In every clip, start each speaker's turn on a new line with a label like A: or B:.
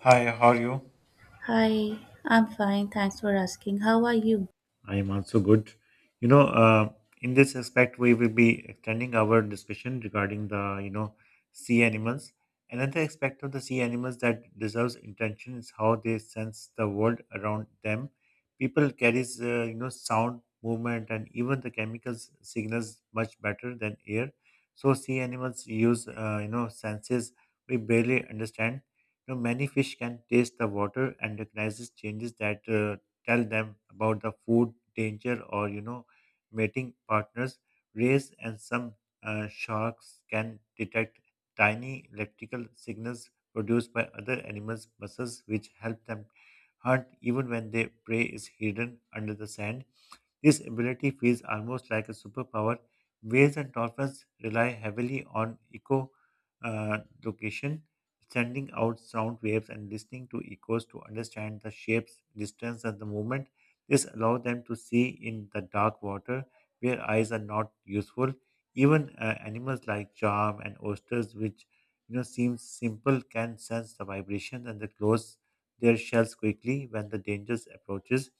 A: Hi, how are you?
B: Hi, I'm fine. Thanks for asking. How are you?
A: I am also good. You know, uh, in this aspect, we will be extending our discussion regarding the sea animals. Another aspect of the sea animals that deserves attention is how they sense the world around them. People carries, sound, movement, and even the chemicals signals much better than air. So sea animals use, senses we barely understand. Many fish can taste the water and recognizes changes that tell them about the food danger or mating partners rays and some sharks can detect tiny electrical signals produced by other animals muscles which help them hunt even when their prey is hidden under the sand. This ability feels almost like a superpower. Whales and dolphins rely heavily on echo uh, location, sending out sound waves and listening to echoes to understand the shapes, distance, and the movement. This allows them to see in the dark water where eyes are not useful. Even animals like charm and oysters, which seems simple, can sense the vibrations and they close their shells quickly when the danger approaches.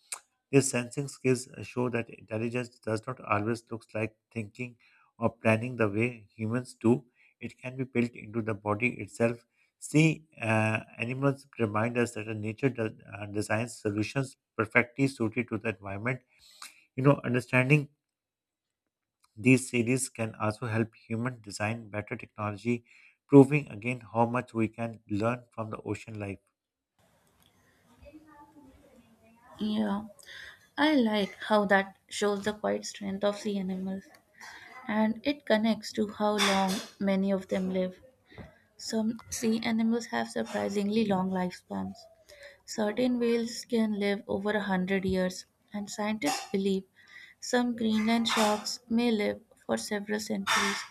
A: These sensing skills show that intelligence does not always look like thinking or planning the way humans do. It can be built into the body itself. See, animals remind us that nature does, designs solutions perfectly suited to the environment. Understanding these series can also help human design better technology, proving again how much we can learn from the ocean life.
B: Yeah, I like how that shows the quiet strength of sea animals and it connects to how long many of them live. Some sea animals have surprisingly long lifespans. Certain whales can live over a hundred years, and scientists believe some Greenland sharks may live for several centuries.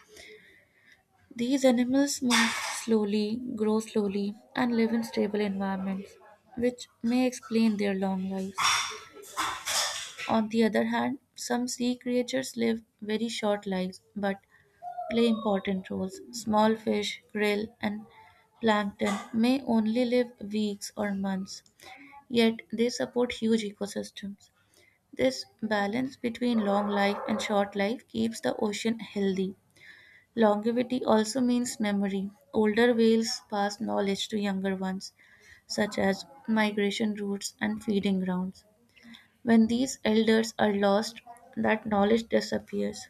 B: These animals move slowly, grow slowly, and live in stable environments, which may explain their long lives. On the other hand, some sea creatures live very short lives but play important roles. Small fish, krill, and plankton may only live weeks or months, yet they support huge ecosystems. This balance between long life and short life keeps the ocean healthy. Longevity also means memory; older whales pass knowledge to younger ones, such as migration routes and feeding grounds. When these elders are lost, that knowledge disappears.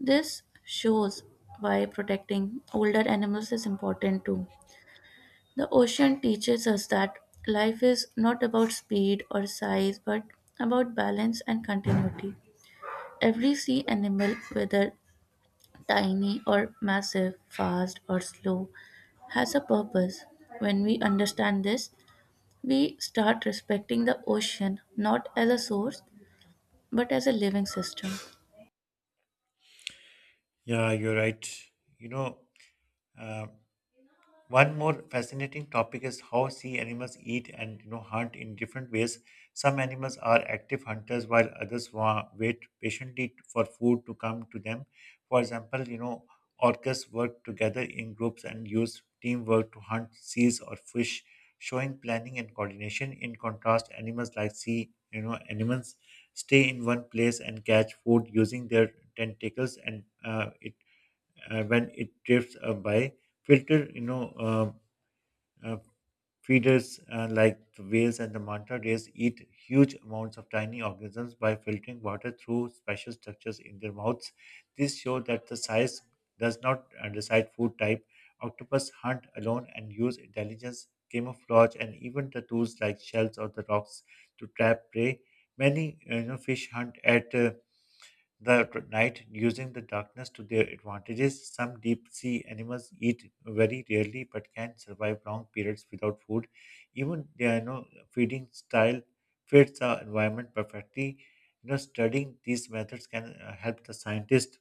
B: This shows why protecting older animals is important too. The ocean teaches us that life is not about speed or size but about balance and continuity. Every sea animal, whether tiny or massive, fast or slow, has a purpose. When we understand this, we start respecting the ocean not as a source but as a living system.
A: Yeah, you're right. You know, um, One more fascinating topic is how sea animals eat and hunt in different ways. Some animals are active hunters while others wait patiently for food to come to them. For example, orcas work together in groups and use teamwork to hunt seals or fish, showing planning and coordination. In contrast, animals like sea animals stay in one place and catch food using their tentacles and it when it drifts by. Filter, uh, feeders like the whales and the manta rays eat huge amounts of tiny organisms by filtering water through special structures in their mouths. This shows that the size does not decide food type. Octopus hunt alone and use intelligence, camouflage, and even the tools like shells or the rocks to trap prey. Many fish hunt at night, using the darkness to their advantages. Some deep sea animals eat very rarely but can survive long periods without food. Even their feeding style fits the environment perfectly. Studying these methods can help the scientist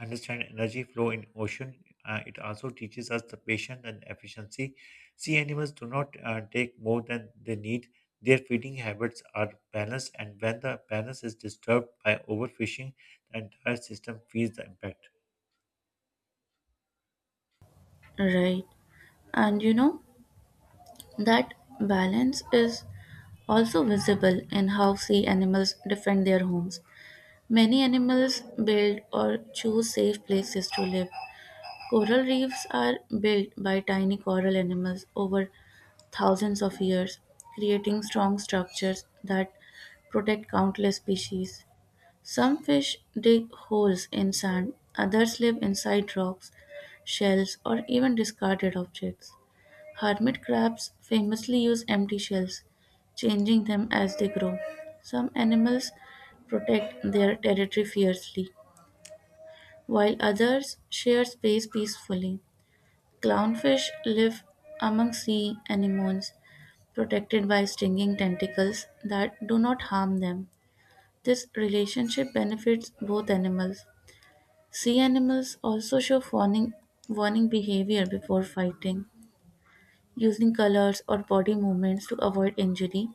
A: understand energy flow in ocean. It also teaches us the patience and efficiency. Sea animals do not take more than they need. Their feeding habits are balanced, and when the balance is disturbed by overfishing, the entire system feels the impact.
B: Right. And you know, that balance is also visible in how sea animals defend their homes. Many animals build or choose safe places to live. Coral reefs are built by tiny coral animals over thousands of years, creating strong structures that protect countless species. Some fish dig holes in sand, others live inside rocks, shells, or even discarded objects. Hermit crabs famously use empty shells, changing them as they grow. Some animals protect their territory fiercely, while others share space peacefully. Clownfish live among sea anemones, protected by stinging tentacles that do not harm them. This relationship benefits both animals. Sea animals also show warning behavior before fighting, using colors or body movements to avoid injury.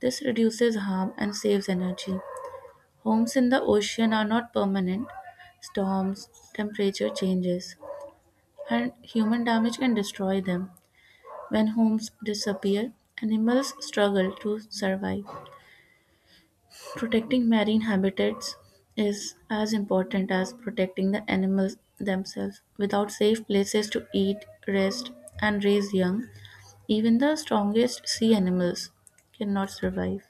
B: This reduces harm and saves energy. Homes in the ocean are not permanent. Storms, temperature changes, and human damage can destroy them. When homes disappear, animals struggle to survive. Protecting marine habitats is as important as protecting the animals themselves. Without safe places to eat, rest, and raise young, even the strongest sea animals cannot survive.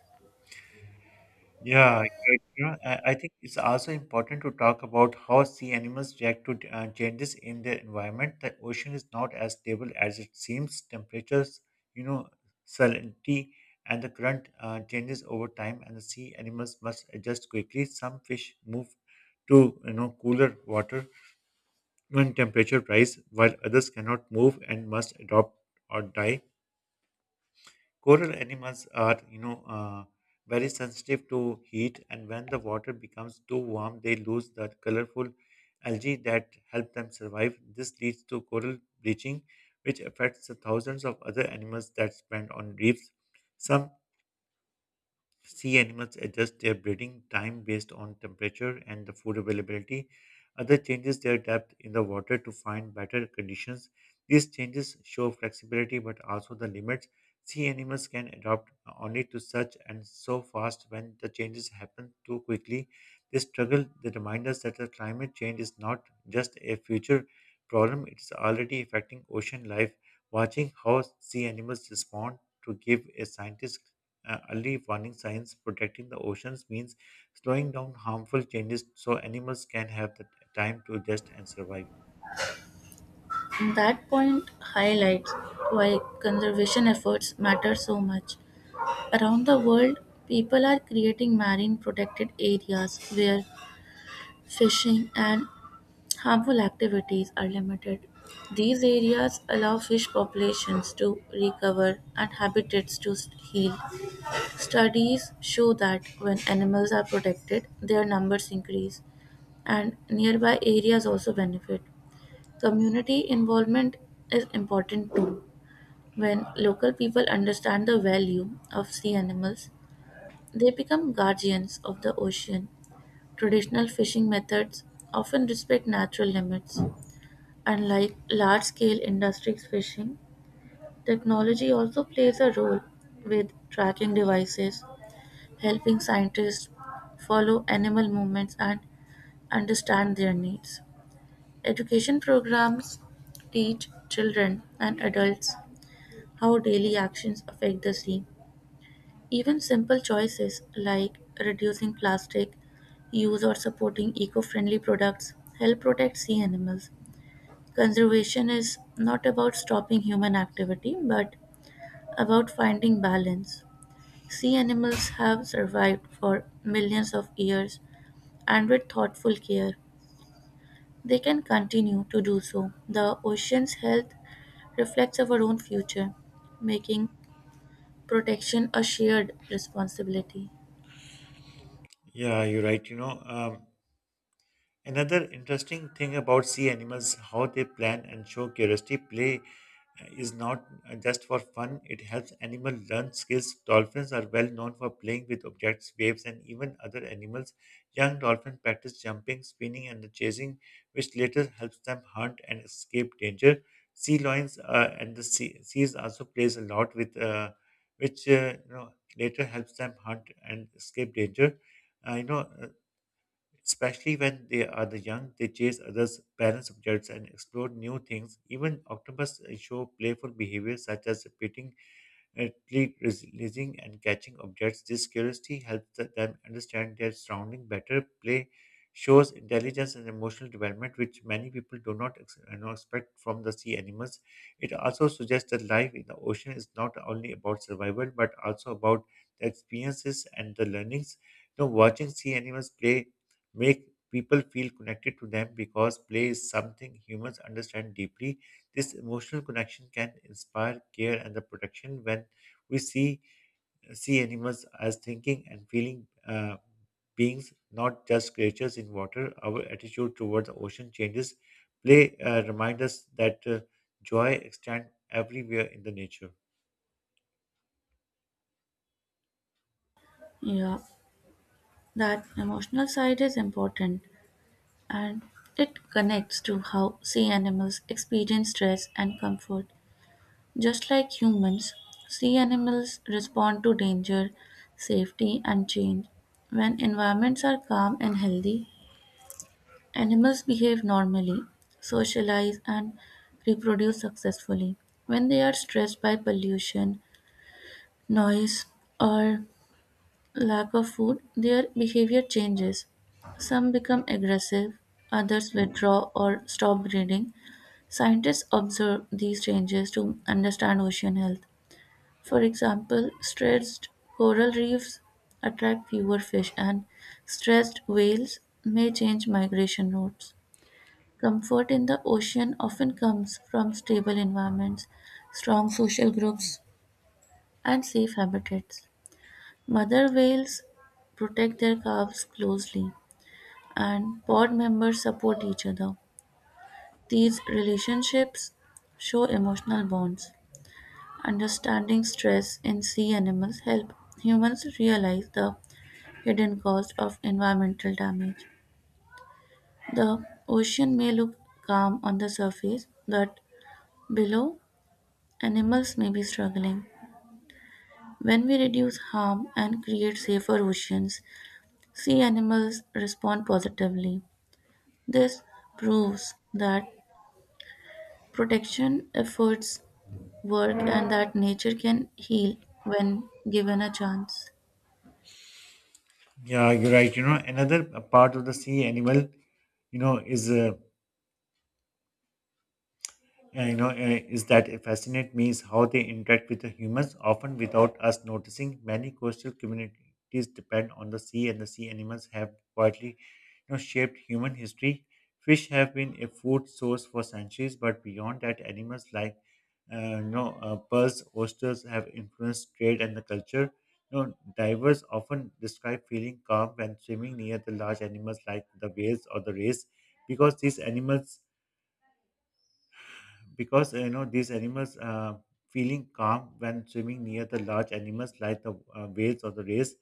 A: Yeah, I think it's also important to talk about how sea animals react to changes in their environment. The ocean is not as stable as it seems. Temperatures, you know, salinity, and the current changes over time, and the sea animals must adjust quickly. Some fish move to, cooler water when temperature rise, while others cannot move and must adopt or die. Coral animals are, very sensitive to heat, and when the water becomes too warm, they lose the colorful algae that help them survive. This leads to coral bleaching, which affects the thousands of other animals that depend on reefs. Some sea animals adjust their breeding time based on temperature and the food availability. Other changes their depth in the water to find better conditions. These changes show flexibility but also the limits. Sea animals can adapt only to such and so fast when the changes happen too quickly. This struggle that reminds us that the climate change is not just a future problem, it is already affecting ocean life. Watching how sea animals respond to give a scientist early warning signs. Protecting the oceans means slowing down harmful changes so animals can have the time to adjust and survive.
B: That point highlights why conservation efforts matter so much. Around the world, people are creating marine protected areas where fishing and harmful activities are limited. These areas allow fish populations to recover and habitats to heal. Studies show that when animals are protected, their numbers increase, and nearby areas also benefit. Community involvement is important too. When local people understand the value of sea animals, they become guardians of the ocean. Traditional fishing methods often respect natural limits. Unlike large-scale industries fishing, technology also plays a role, with tracking devices helping scientists follow animal movements and understand their needs. Education programs teach children and adults how daily actions affect the sea. Even simple choices like reducing plastic use or supporting eco friendly products help protect sea animals. Conservation is not about stopping human activity, but about finding balance. Sea animals have survived for millions of years, and with thoughtful care, they can continue to do so. The ocean's health reflects our own future, making protection a shared responsibility.
A: Yeah, you're right. Another interesting thing about sea animals, how they plan and show curiosity. Play is not just for fun, it helps animals learn skills. Dolphins are well known for playing with objects, waves, and even other animals. Young dolphins practice jumping, spinning, and chasing, which later helps them hunt and escape danger. Sea lions and the sea, seas also plays a lot with, which you know later helps them hunt and escape danger. I know especially when they are the young, they chase others, balance objects, and explore new things. Even octopus show playful behavior such as repeating, releasing, and catching objects. This curiosity helps them understand their surrounding better. Play shows intelligence and emotional development, which many people do not expect from the sea animals. It also suggests that life in the ocean is not only about survival but also about the experiences and the learnings. Watching sea animals play make people feel connected to them because play is something humans understand deeply. This emotional connection can inspire care and the protection when we see animals as thinking and feeling beings, not just creatures in water. Our attitude toward the ocean changes. Play reminds us that joy extends everywhere in the nature.
B: Yeah, that emotional side is important and it connects to how sea animals experience stress and comfort. Just like humans, sea animals respond to danger, safety, and change. When environments are calm and healthy, animals behave normally, socialize, and reproduce successfully. When they are stressed by pollution, noise, or lack of food, their behavior changes. Some become aggressive, others withdraw or stop breeding. Scientists observe these changes to understand ocean health. For example, stressed coral reefs attract fewer fish, and stressed whales may change migration routes. Comfort in the ocean often comes from stable environments, strong social groups, and safe habitats. Mother whales protect their calves closely, and pod members support each other. These relationships show emotional bonds. Understanding stress in sea animals help humans realize the hidden cause of environmental damage. The ocean may look calm on the surface, but below, animals may be struggling. When we reduce harm and create safer oceans, sea animals respond positively. This proves that protection efforts work and that nature can heal when given a chance.
A: Yeah, you're right. Another part of the sea animal, you know, is. Yeah, you know, is that it fascinate me is how they interact with the humans, often without us noticing. Many coastal communities depend on the sea, and the sea animals have quietly, shaped human history. Fish have been a food source for centuries, but beyond that, animals like, pearls, oysters have influenced trade and the culture. Divers often describe feeling calm when swimming near the large animals like the whales or the rays, because these animals because you know these animals feeling calm when swimming near the large animals like the whales or the rays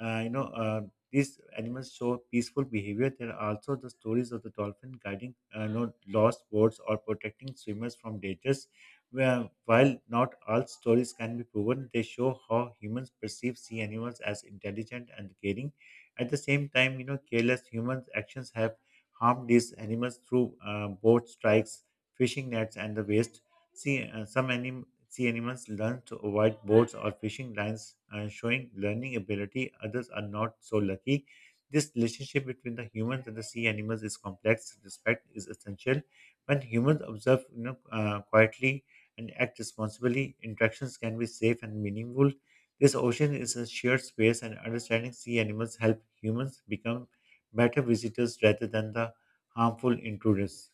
A: uh, you know uh, these animals show peaceful behavior. There are also the stories of the dolphin guiding lost boats or protecting swimmers from dangers where, while not all stories can be proven, they show how humans perceive sea animals as intelligent and caring. At the same time, careless humans actions have harmed these animals through boat strikes, fishing nets, and the waste. See, sea animals learn to avoid boats or fishing lines, showing learning ability. Others are not so lucky. This relationship between the humans and the sea animals is complex. Respect is essential. When humans observe, quietly and act responsibly, interactions can be safe and meaningful. This ocean is a shared space, and understanding sea animals help humans become better visitors rather than the harmful intruders.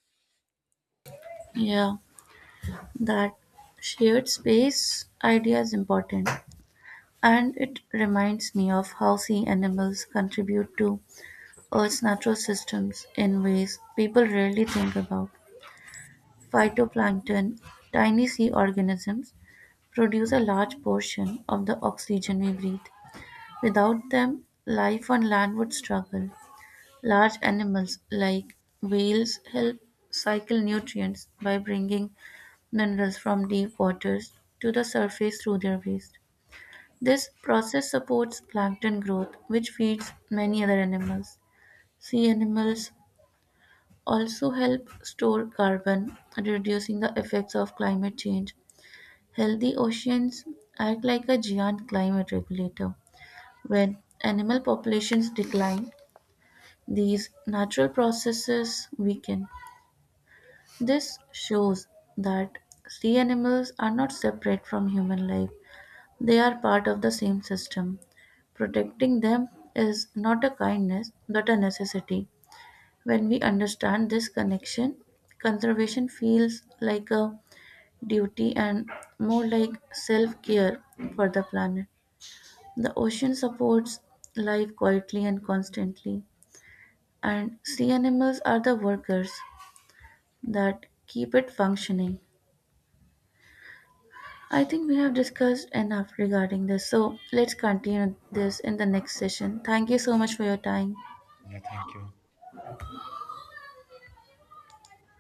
B: Yeah, that shared space idea is important. And it reminds me of how sea animals contribute to Earth's natural systems in ways people rarely think about. Phytoplankton, tiny sea organisms, produce a large portion of the oxygen we breathe. Without them, life on land would struggle. Large animals like whales help cycle nutrients by bringing minerals from deep waters to the surface through their waste. This process supports plankton growth, which feeds many other animals. Sea animals also help store carbon, reducing the effects of climate change. Healthy oceans act like a giant climate regulator. When animal populations decline, these natural processes weaken. This shows that sea animals are not separate from human life. They are part of the same system. Protecting them is not a kindness but a necessity. When we understand this connection, conservation feels like a duty and more like self care for the planet. The ocean supports life quietly and constantly, and sea animals are the workers that keep it functioning. I think we have discussed enough regarding this, so let's continue this in the next session. Thank you so much for your time.
A: Yeah, thank you.